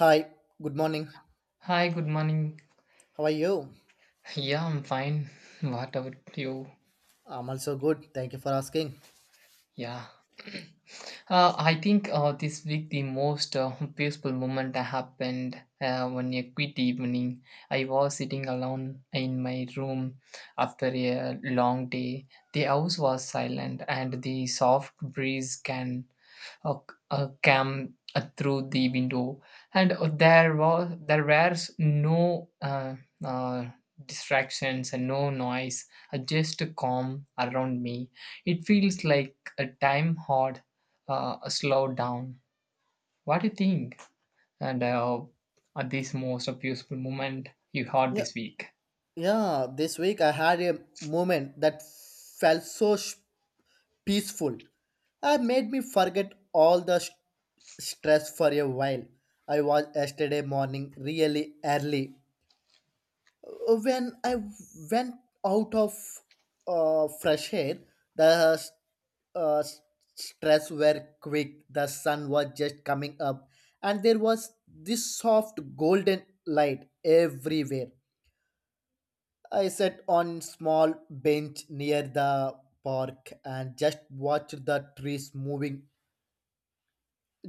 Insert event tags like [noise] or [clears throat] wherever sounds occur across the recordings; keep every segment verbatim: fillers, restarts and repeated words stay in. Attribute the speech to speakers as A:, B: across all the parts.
A: Hi, good morning.
B: Hi, good morning.
A: How are you?
B: Yeah, I'm fine. [laughs] What about you?
A: I'm also good. Thank you for asking.
B: Yeah. Uh, I think uh, this week the most uh, peaceful moment happened uh, one a quiet evening. I was sitting alone in my room after a long day. The house was silent and the soft breeze can uh, uh, came uh, through the window, and uh, there was there were no uh, uh, distractions and no noise, uh, just a calm around me. It feels like a time hard, uh, a slow down. What do you think? And uh, uh, this most beautiful moment you had
A: Yeah,
B: this week?
A: yeah. This week I had a moment that felt so sh- peaceful. It made me forget all the st- stress for a while. I was yesterday morning really early. Oh, when I went out of uh, fresh air, the uh, stress were quick. The sun was just coming up, and there was this soft golden light everywhere. I sat on small bench near the park and just watched the trees moving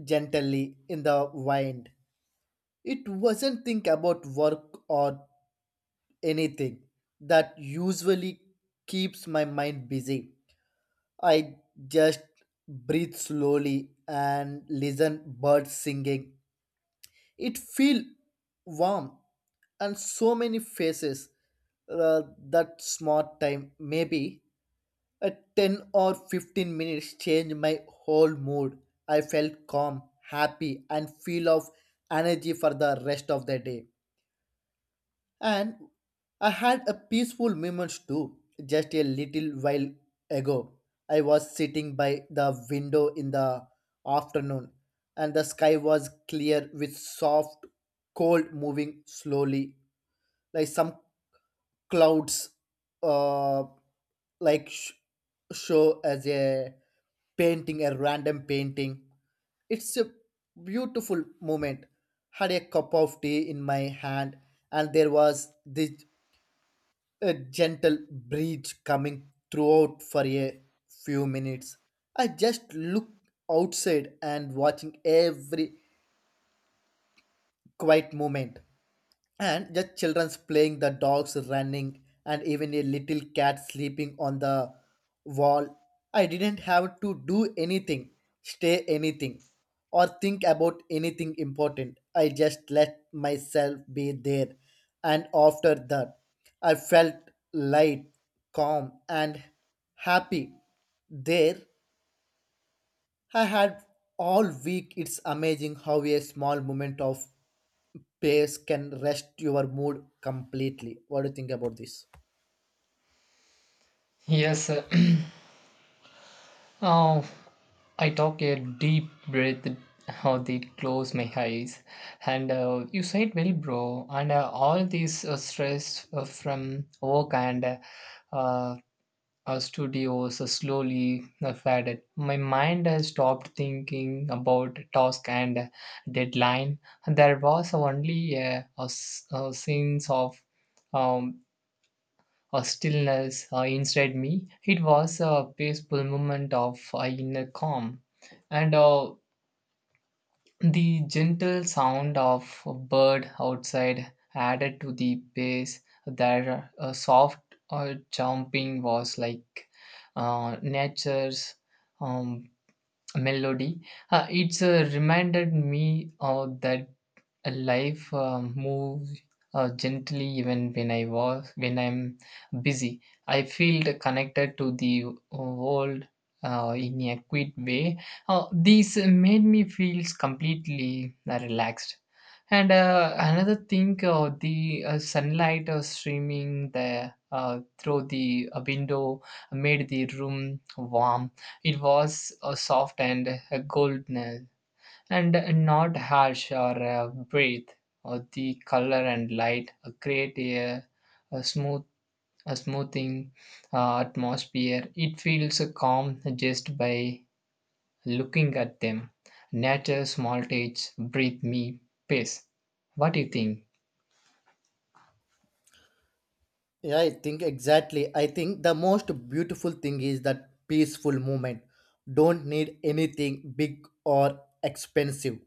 A: gently in the wind. It wasn't think about work or anything that usually keeps my mind busy. I just breathe slowly and listen birds singing. It feel warm and so many faces uh, that smart time maybe a ten or fifteen minutes change my whole mood. I felt calm, happy and feel of energy for the rest of the day. And I had a peaceful moment too. Just a little while ago, I was sitting by the window in the afternoon, and the sky was clear with soft cold moving slowly, like some clouds, uh, like sh- show as a painting, a random painting. It's a beautiful moment. Had a cup of tea in my hand, and there was this a gentle breeze coming throughout for a few minutes. I just looked outside and watching every quiet moment and just children's playing, the dogs running and even a little cat sleeping on the wall. I didn't have to do anything, stay anything or think about anything important. I just let myself be there, and after that I felt light, calm and happy. There I had all week. It's amazing how a small moment of pace can rest your mood completely. What do you think about this?
B: Yes. [clears throat] Oh, I took a deep breath, how they close my eyes, and uh, you said well, bro. And uh, all this uh, stress uh, from work and uh, uh, our studios uh, slowly uh, faded. My mind has stopped thinking about task and uh, deadline. There was only uh, a, s- a sense of um, a stillness uh, inside me. It was a peaceful moment of uh, inner calm, and. Uh, the gentle sound of a bird outside added to the pace. Their uh, soft uh, jumping was like uh, nature's um, melody. Uh, it's uh, reminded me uh, that life um, moves uh, gently even when i was when i'm busy. I feel connected to the world uh, in a quick way. Uh, these made me feel completely uh, relaxed. And uh, another thing, uh, the uh, sunlight uh, streaming the uh, through the uh, window made the room warm. It was uh, soft and uh, golden, and not harsh or uh, breathe. Or the color and light uh, create a, a smooth a smoothing uh, atmosphere. It feels uh, calm just by looking at them. Nature small touch breathe me peace. What do you think?
A: Yeah, I think exactly. I think the most beautiful thing is that peaceful moment. Don't need anything big or expensive.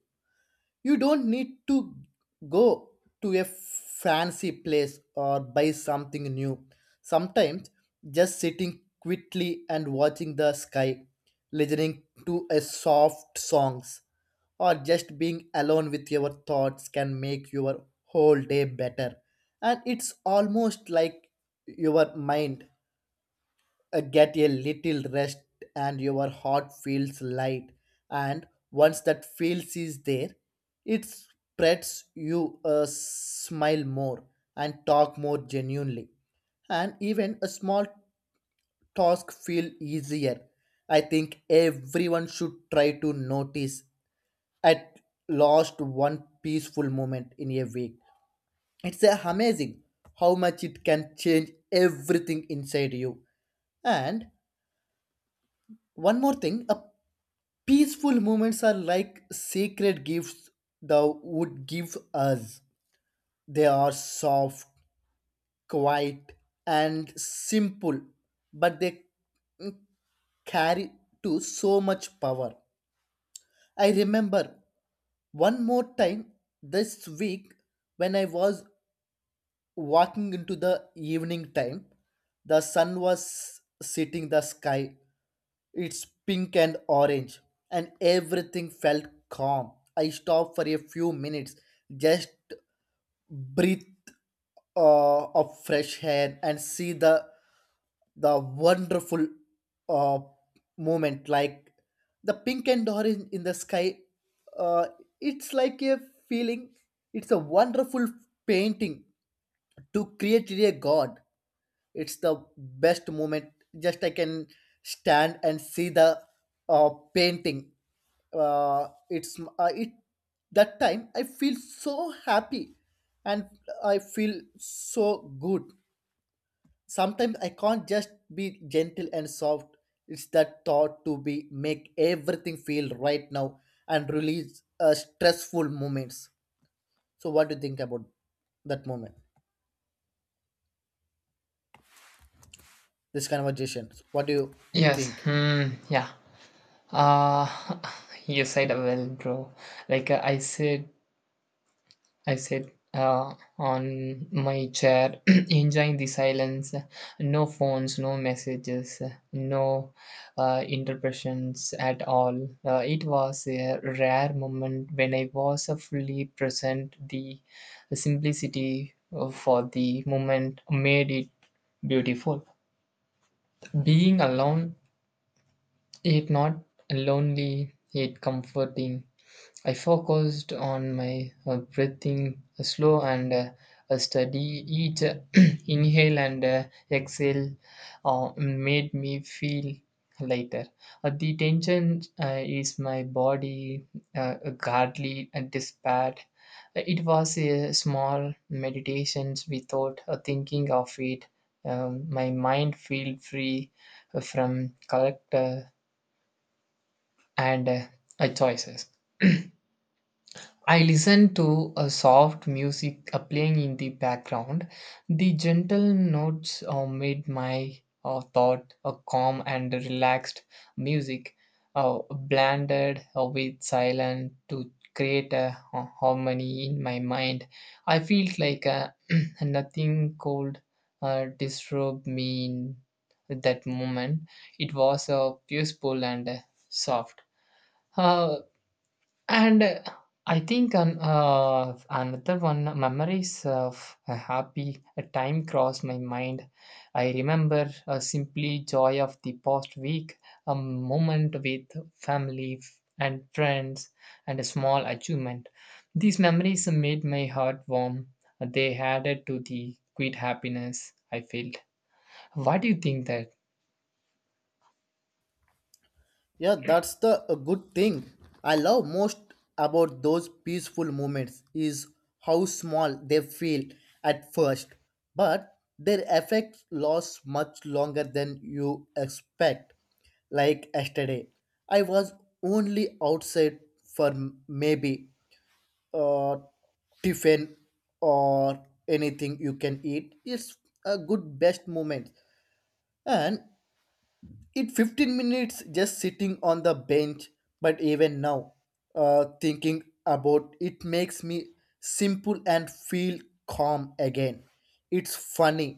A: You don't need to go to a fancy place or buy something new. Sometimes just sitting quietly and watching the sky, listening to a soft songs, or just being alone with your thoughts can make your whole day better. And it's almost like your mind uh, get a little rest and your heart feels light. And once that feels is there, it spreads you a smile more and talk more genuinely, and even a small task feel easier. I think everyone should try to notice at least one peaceful moment in a week. It's amazing how much it can change everything inside you. And one more thing, a peaceful moments are like sacred gifts thou would give us. They are soft, quiet, and simple, but they carry to so much power. I remember one more time this week when I was walking into the evening time, the sun was setting the sky. It's pink and orange, and everything felt calm. I stopped for a few minutes, just breathe uh, of fresh air and see the the wonderful uh, moment. Like the pink and orange in the sky, uh, it's like a feeling. It's a wonderful painting to create a god. It's the best moment. Just I can stand and see the uh, painting. Uh, it's uh, it that time I feel so happy, and I feel so good. Sometimes I can't just be gentle and soft. It's that thought to be make everything feel right now and release uh, stressful moments. So what do you think about that moment, this conversation? What do you
B: Yes,
A: think?
B: hmm, yeah. Uh, [laughs] you said well, bro. Like uh, I said, I sat uh, on my chair, [clears throat] enjoying the silence. No phones, no messages, no uh, interruptions at all. Uh, it was a rare moment when I was uh, fully present. The simplicity uh, for the moment made it beautiful. Being alone, it not lonely, it comforting. I focused on my uh, breathing uh, slow and uh, a steady, each uh, [clears throat] inhale and uh, exhale uh, made me feel lighter. Uh, the tension uh, is my body uh, guardly and despaired. It was a small meditations without uh, thinking of it. Um, my mind feel free uh, from character and uh, uh, choices. I listen to a soft music uh, playing in the background. The gentle notes uh, made my uh, thought a calm and relaxed music, uh, blended uh, with silence to create a ha- harmony in my mind. I feel like uh, [clears throat] nothing cold uh, disturbed me in that moment. It was uh, peaceful and uh, soft. Uh, and uh, I think an, uh, another one memories of a happy a time crossed my mind. I remember uh, simply joy of the past week, a moment with family f- and friends, and a small achievement. These memories made my heart warm. They added to the great happiness I felt. What do you think that?
A: Yeah, that's the a good thing I love most about those peaceful moments is how small they feel at first, but their effect lasts much longer than you expect. Like yesterday, I was only outside for m- maybe uh, tiffin or anything you can eat. It's a good best moment, and it fifteen minutes just sitting on the bench. But even now, uh, thinking about it makes me simple and feel calm again. It's funny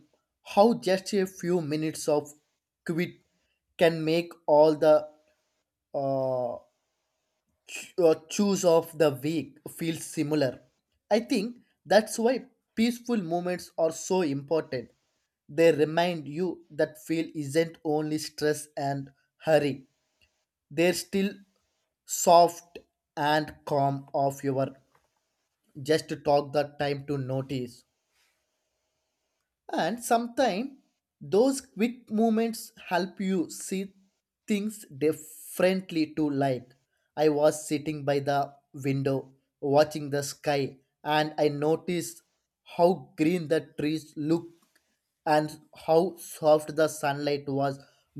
A: how just a few minutes of quit can make all the uh, ch- uh, choose of the week feel similar. I think that's why peaceful moments are so important. They remind you that feel isn't only stress and hurry. They're still soft and calm of your. Just talk that time to notice. And sometimes those quick movements help you see things differently to. Like I was sitting by the window watching the sky, and I noticed how green the trees look and how soft the sunlight was.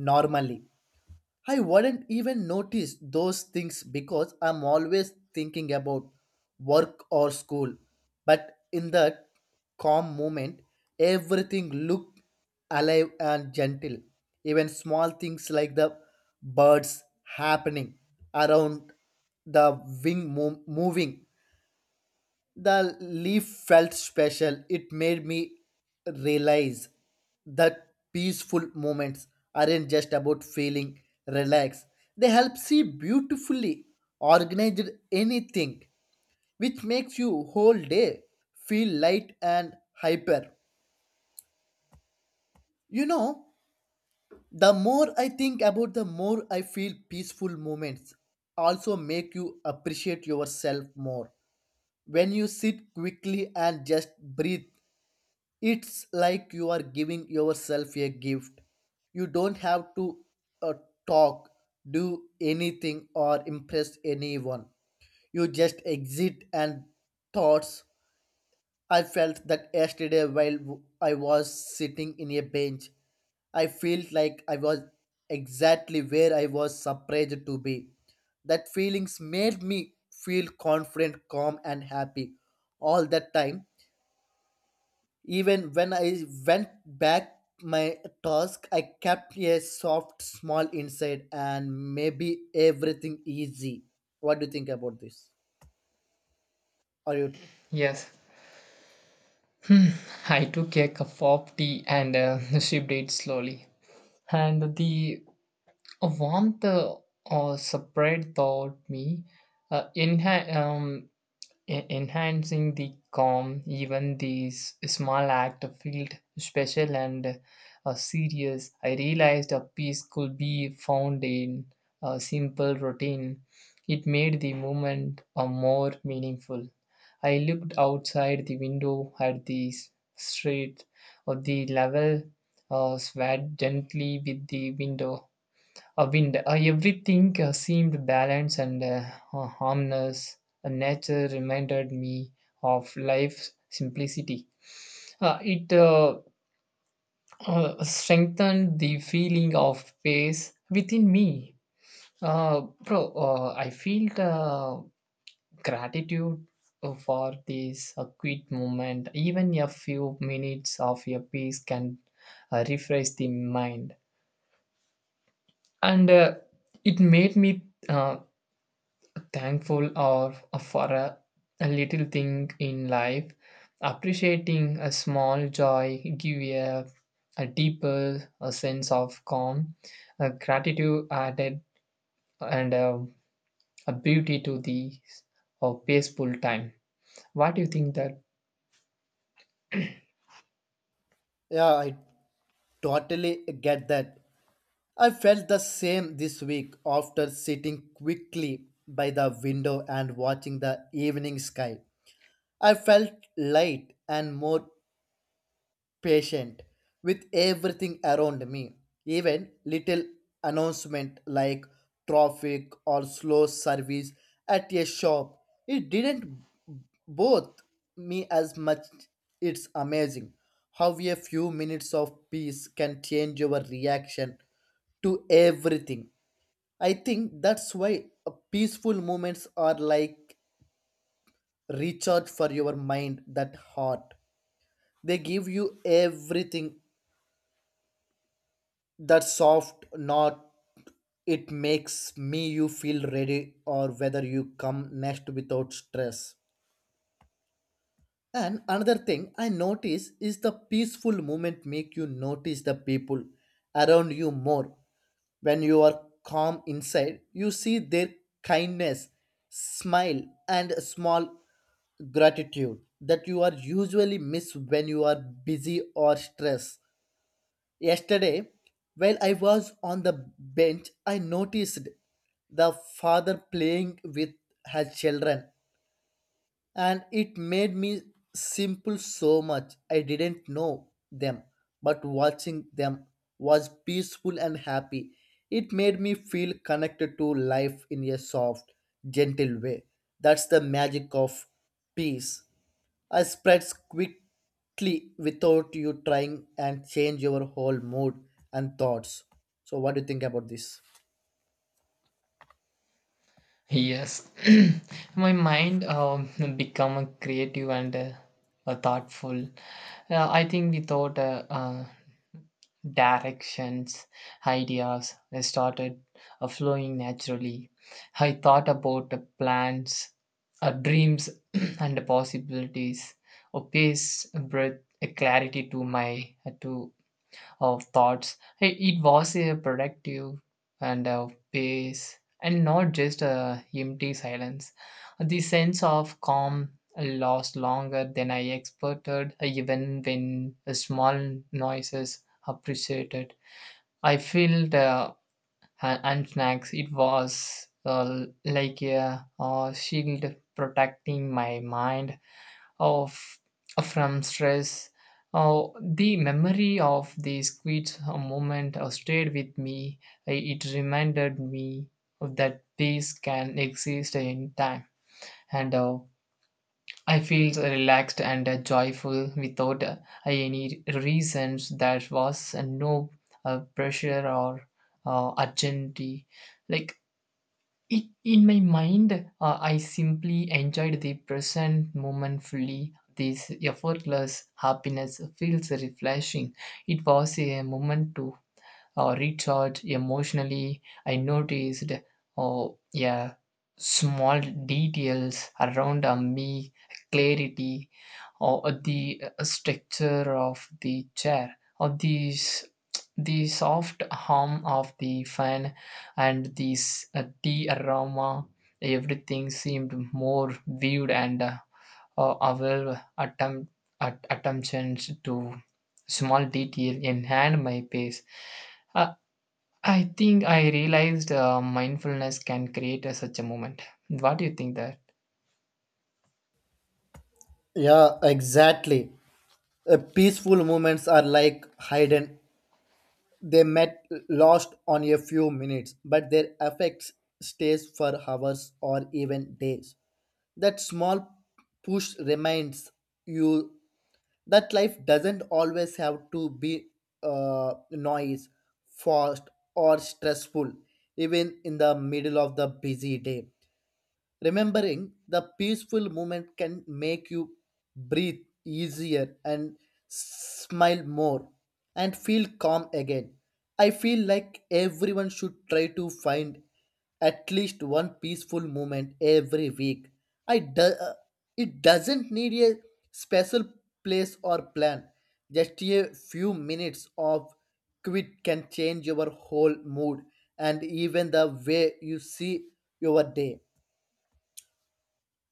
A: Normally, I wouldn't even notice those things because I'm always thinking about work or school. But in that calm moment, everything looked alive and gentle. Even small things like the birds happening around, the wing mo- moving the leaf felt special. It made me realize that peaceful moments aren't just about feeling relaxed. They help see beautifully organized anything, which makes you whole day feel light and hyper. You know, the more I think about the more I feel peaceful moments also make you appreciate yourself more. When you sit quickly and just breathe, it's like you are giving yourself a gift. You don't have to uh, talk, do anything, or impress anyone. You just exit and thoughts. I felt that yesterday while w- I was sitting in a bench. I felt like I was exactly where I was surprised to be. That feelings made me feel confident, calm, and happy all that time. Even when I went back my task, I kept a soft, small inside and maybe everything easy. What do you think about this? Are you?
B: Yes. Hmm. I took a cup of tea and uh, [laughs] sipped it slowly, and the A warmth uh, or separate taught me, uh, enha- um, en- enhancing the calm. Even these small act felt special and uh, serious. I realized a peace could be found in a simple routine. It made the moment uh, more meaningful. I looked outside the window at the s- street. Uh, the level uh, swayed gently with the window a wind. Uh, everything uh, seemed balanced and uh, uh, harmless. Uh, nature reminded me of life's simplicity. Uh, it uh, uh, strengthened the feeling of peace within me. Uh, bro, uh, I feel uh, gratitude uh, for this uh, quick moment. Even a few minutes of your peace can uh, refresh the mind. And uh, it made me uh, thankful or for a, a little thing in life. Appreciating a small joy give a, a deeper a sense of calm. A gratitude added, and a, a beauty to the uh, peaceful time. What do you think that?
A: Yeah, I totally get that. I felt the same this week after sitting quickly by the window and watching the evening sky. I felt light and more patient with everything around me, even little announcement like traffic or slow service at a shop. It didn't both me as much. It's amazing how a few minutes of peace can change your reaction to everything. I think that's why uh, peaceful moments are like recharge for your mind that heart. They give you everything that soft knot. It makes me you feel ready or whether you come next without stress. And another thing I notice is the peaceful moment make you notice the people around you more. When you are calm inside, you see their kindness, smile, and small gratitude that you are usually miss when you are busy or stressed. Yesterday, while I was on the bench, I noticed the father playing with her children, and it made me simple so much. I didn't know them, but watching them was peaceful and happy. It made me feel connected to life in a soft, gentle way. That's the magic of peace. I spreads quickly without you trying and change your whole mood and thoughts. So what do you think about this?
B: Yes. [clears throat] My mind um, become a creative and uh, a thoughtful. uh, I think without uh, uh, directions, ideas started uh, flowing naturally. I thought about the plans, uh, dreams, [clears throat] and the possibilities. A pace, a breath, a clarity to my uh, to of thoughts. It, it was a productive and a pace and not just a empty silence. The sense of calm lasts longer than I expected, even when small noises appreciated. I feel the ha- hand snacks. It was uh, like a a shield protecting my mind of from stress. Uh, the memory of the squeeze moment uh, stayed with me. Uh, It reminded me that peace can exist in time, and uh, I feel relaxed and uh, joyful without uh, any reasons. There was uh, no uh, pressure or uh, urgency. Like it, in my mind, uh, I simply enjoyed the present moment fully. This effortless happiness feels refreshing. It was a moment to or recharge emotionally. I noticed, oh, yeah, small details around uh, me, clarity, or uh, the uh, structure of the chair, or these the soft hum of the fan and this uh, tea aroma. Everything seemed more vivid, and uh, uh, our attempt at attentions to small detail enhanced my pace. Uh, I think I realized uh, mindfulness can create a, such a moment. What do you think that?
A: Yeah, exactly. Uh, peaceful moments are like hidden. They met lost on a few minutes, but their effects stays for hours or even days. That small push reminds you that life doesn't always have to be uh, noise, fast, or stressful, even in the middle of the busy day. Remembering the peaceful moment can make you breathe easier and smile more and feel calm again. I feel like everyone should try to find at least one peaceful moment every week. I do, uh, it doesn't need a special place or plan. Just a few minutes of quit can change your whole mood and even the way you see your day.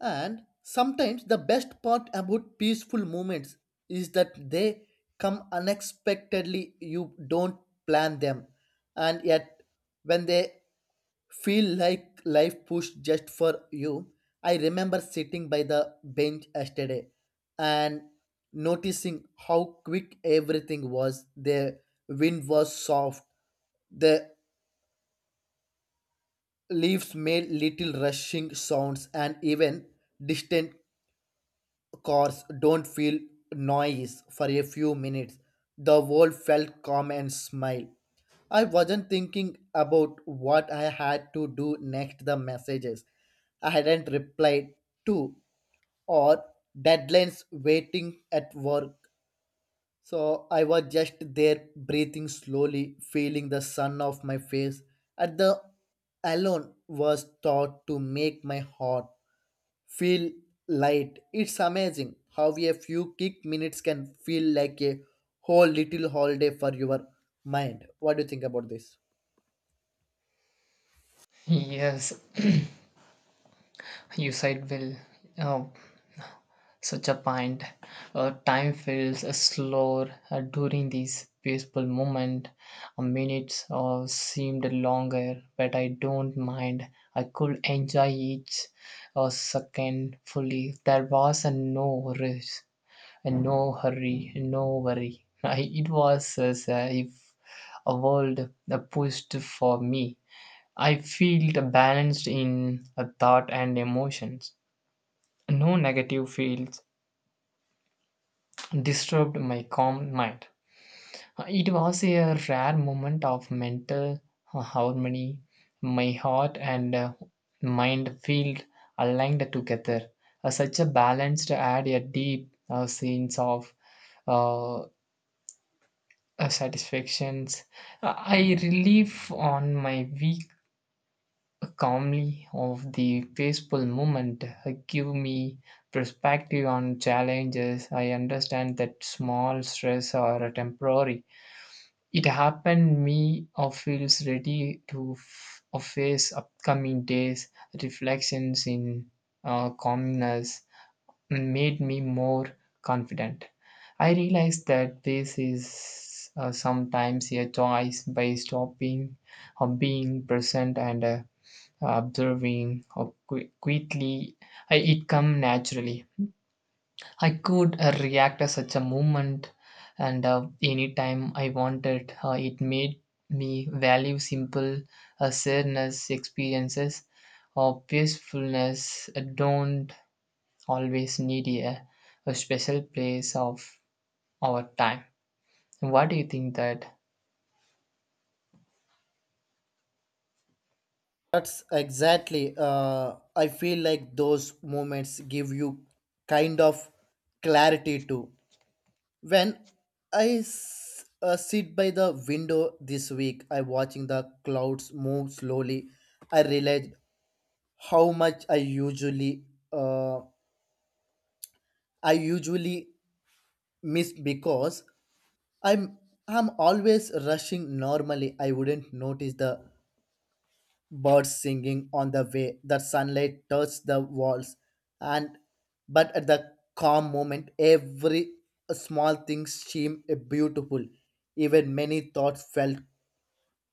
A: And sometimes the best part about peaceful moments is that they come unexpectedly. You don't plan them. And yet, when they feel like life pushed just for you, I remember sitting by the bench yesterday and noticing how quick everything was. The wind was soft, the leaves made little rushing sounds, and even distant cars don't feel noise for a few minutes. The world felt calm and smiled. I wasn't thinking about what I had to do next, the messages I hadn't replied to, or deadlines waiting at work. So I was just there breathing slowly, feeling the sun off my face. At the alone was thought to make my heart feel light. It's amazing how a few quick minutes can feel like a whole little holiday for your mind. What do you think about this?
B: Yes, you said well. Uh, such a point. Uh, time feels uh, slower uh, during these peaceful moment. Uh, minutes uh, seemed longer, but I don't mind. I could enjoy each uh, second fully. There was a no rush, and no hurry, no worry. [laughs] I it was as if a world uh, pushed for me. I felt balanced in thought and emotions. No negative fields disturbed my calm mind. Uh, It was a rare moment of mental uh, harmony. My heart and uh, mind felt aligned together. Uh, Such a balanced, to add a deep uh, sense of uh, uh, satisfactions. Uh, I relieve on my week calmly of the peaceful moment. Uh, give me perspective on challenges. I understand that small stress are temporary. It happened me or feels ready to f- uh, face upcoming days. Reflections in uh, calmness made me more confident. I realized that this is uh, sometimes a choice by stopping or being present and uh, observing or qui- quickly. I, it come naturally. I could uh, react to such a movement, and uh, anytime I wanted. Uh, it made me value simple uh, sadness experiences or peacefulness uh, don't always need a, a special place of our time. What do you think that?
A: That's exactly. Uh, I feel like those moments give you kind of clarity too. When I s- uh, sit by the window this week, I watching the clouds move slowly. I realized how much I usually uh, I usually miss because I'm I'm always rushing. Normally, I wouldn't notice the birds singing on the way. The sunlight touched the walls, and but at the calm moment, every small thing seemed beautiful, even many thoughts felt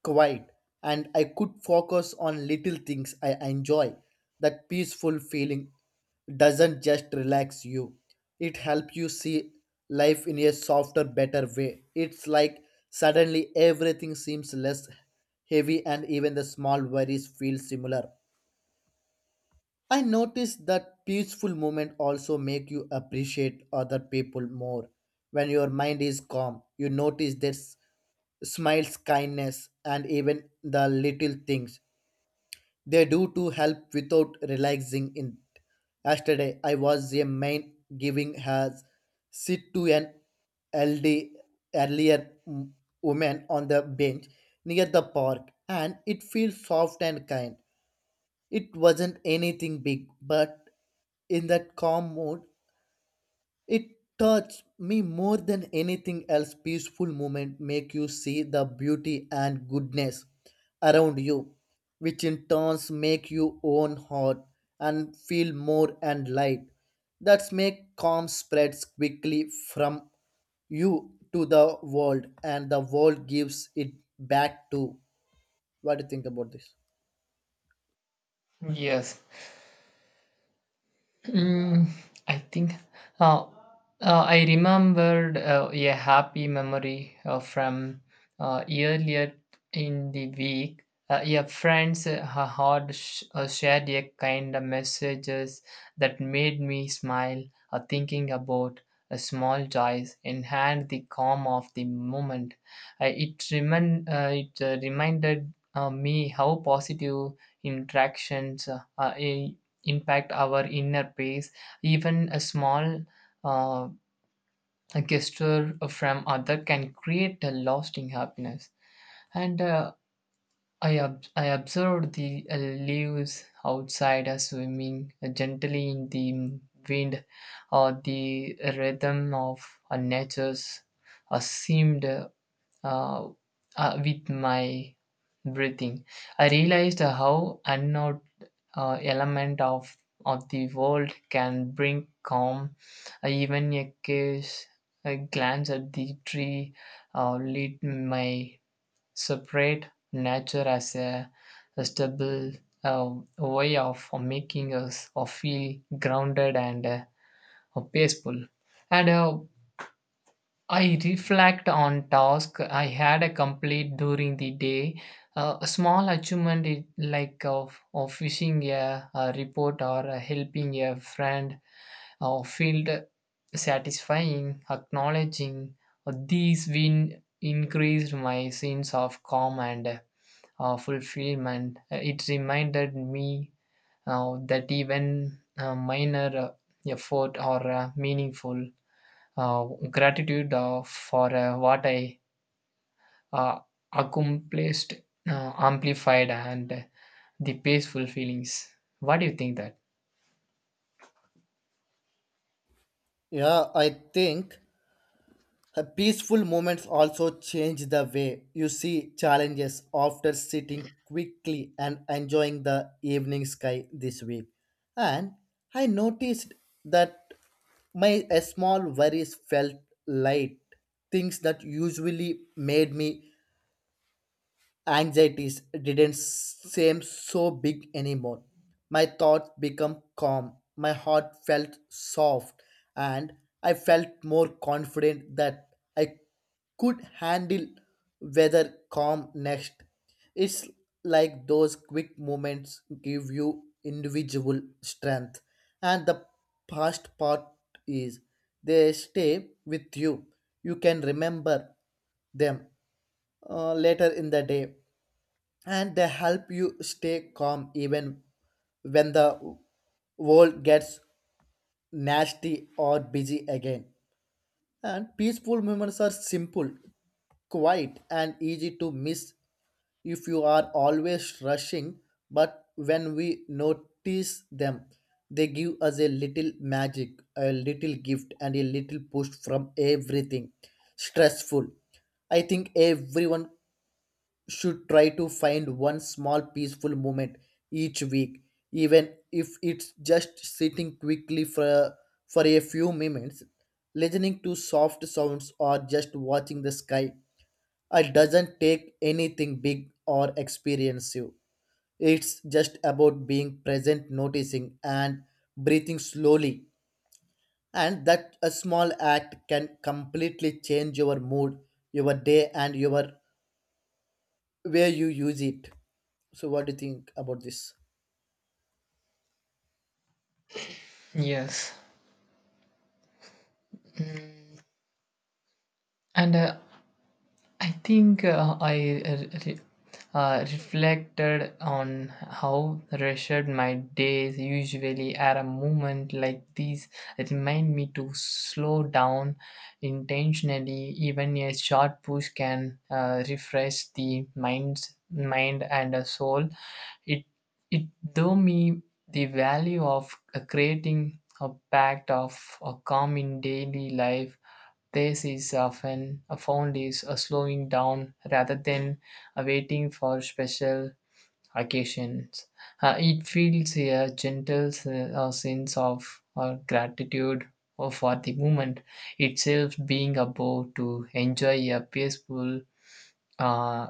A: quiet, and I could focus on little things I enjoy. That peaceful feeling doesn't just relax you, it helps you see life in a softer, better way. It's like suddenly everything seems less heavy and even the small worries feel similar. I noticed that peaceful moment also make you appreciate other people more. When your mind is calm, you notice this smiles, kindness, and even the little things they do to help without realizing it. Yesterday, I was a man giving has sit to an elderly earlier m- woman on the bench near the park, and it feels soft and kind. It wasn't anything big, but in that calm mood, it touched me more than anything else. Peaceful moment make you see the beauty and goodness around you, which in turns make you own heart and feel more and light. That's make calm spreads quickly from you to the world and the world gives it back to. What do you think about this?
B: Yes. Mm. I think uh, uh, I remembered uh, a happy memory uh, from uh, earlier in the week. Uh, yeah, friends uh, had sh- uh, shared a kind of messages that made me smile, uh, thinking about uh, small joys and had the calm of the moment. Uh, it remin- uh, it uh, reminded uh, me how positive interactions uh, uh, impact our inner peace. Even a small uh, gesture from other can create a lasting happiness. And uh, I, ob- I observed the uh, leaves outside uh, swimming gently in the wind, or the rhythm of uh, nature's uh, seemed uh, uh, with my breathing. I realized uh, how unknown uh, element of of the world can bring calm. Uh, even a case a glance at the tree uh, lit my separate nature as a, a stable uh, way of making us uh, feel grounded and uh, peaceful. And uh, I reflect on task I had a complete during the day. Uh, a small achievement is like of, of fishing a, a report or uh, helping a friend or feel satisfying, acknowledging uh, these win increased my sense of calm and uh, fulfillment. Uh, It reminded me uh, that even uh, minor uh, effort are uh, meaningful uh, gratitude uh, for uh, what I uh, accomplished, uh, amplified, and the peaceful feelings. What do you think that?
A: Yeah, I think Uh, peaceful moments also change the way you see challenges after sitting quickly and enjoying the evening sky this week. And I noticed that my uh, small worries felt light, things that usually made me anxieties didn't seem so big anymore. My thoughts became calm, my heart felt soft, and I felt more confident that I could handle weather calm next. It's like those quick moments give you individual strength, and the past part is they stay with you. You can remember them uh, later in the day and they help you stay calm even when the world gets nasty or busy again. And peaceful moments are simple, quiet, and easy to miss if you are always rushing. But when we notice them, they give us a little magic, a little gift, and a little push from everything stressful. I think everyone should try to find one small peaceful moment each week, even if it's just sitting quickly for, for a few minutes, listening to soft sounds, or just watching the sky. It doesn't take anything big or expensive. It's just about being present, noticing, and breathing slowly. And that a small act can completely change your mood, your day, and your way you use it. So what do you think about this?
B: Yes. Mm. And uh, I think uh, I uh, re- uh, reflected on how rushed my days usually are. A moment like these remind me to slow down intentionally. Even a short push can uh, refresh the mind's mind and a soul. It it though me the value of uh, creating a pact of a calm in daily life. This is often found is a slowing down rather than a waiting for special occasions. Uh, it feels a gentle s- uh, sense of uh, gratitude uh, for the moment itself, being able to enjoy a peaceful uh,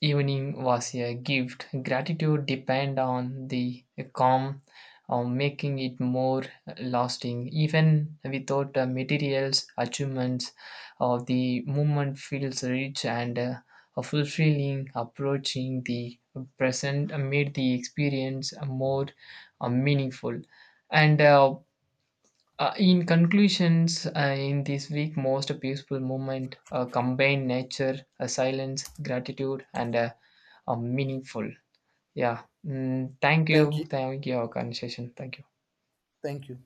B: evening was a gift. Gratitude depend on the calm, uh, making it more lasting. Even without uh, materials achievements, uh, the moment feels rich and uh, a fulfilling. Approaching the present made the experience more uh, meaningful. And uh, uh, in conclusions, uh, in this week, most peaceful moment uh, combined nature, uh, silence, gratitude, and uh, uh, meaningful. Yeah. Mm, thank
A: Thank
B: you.
A: you.
B: Thank you, our conversation. Thank you.
A: Thank you.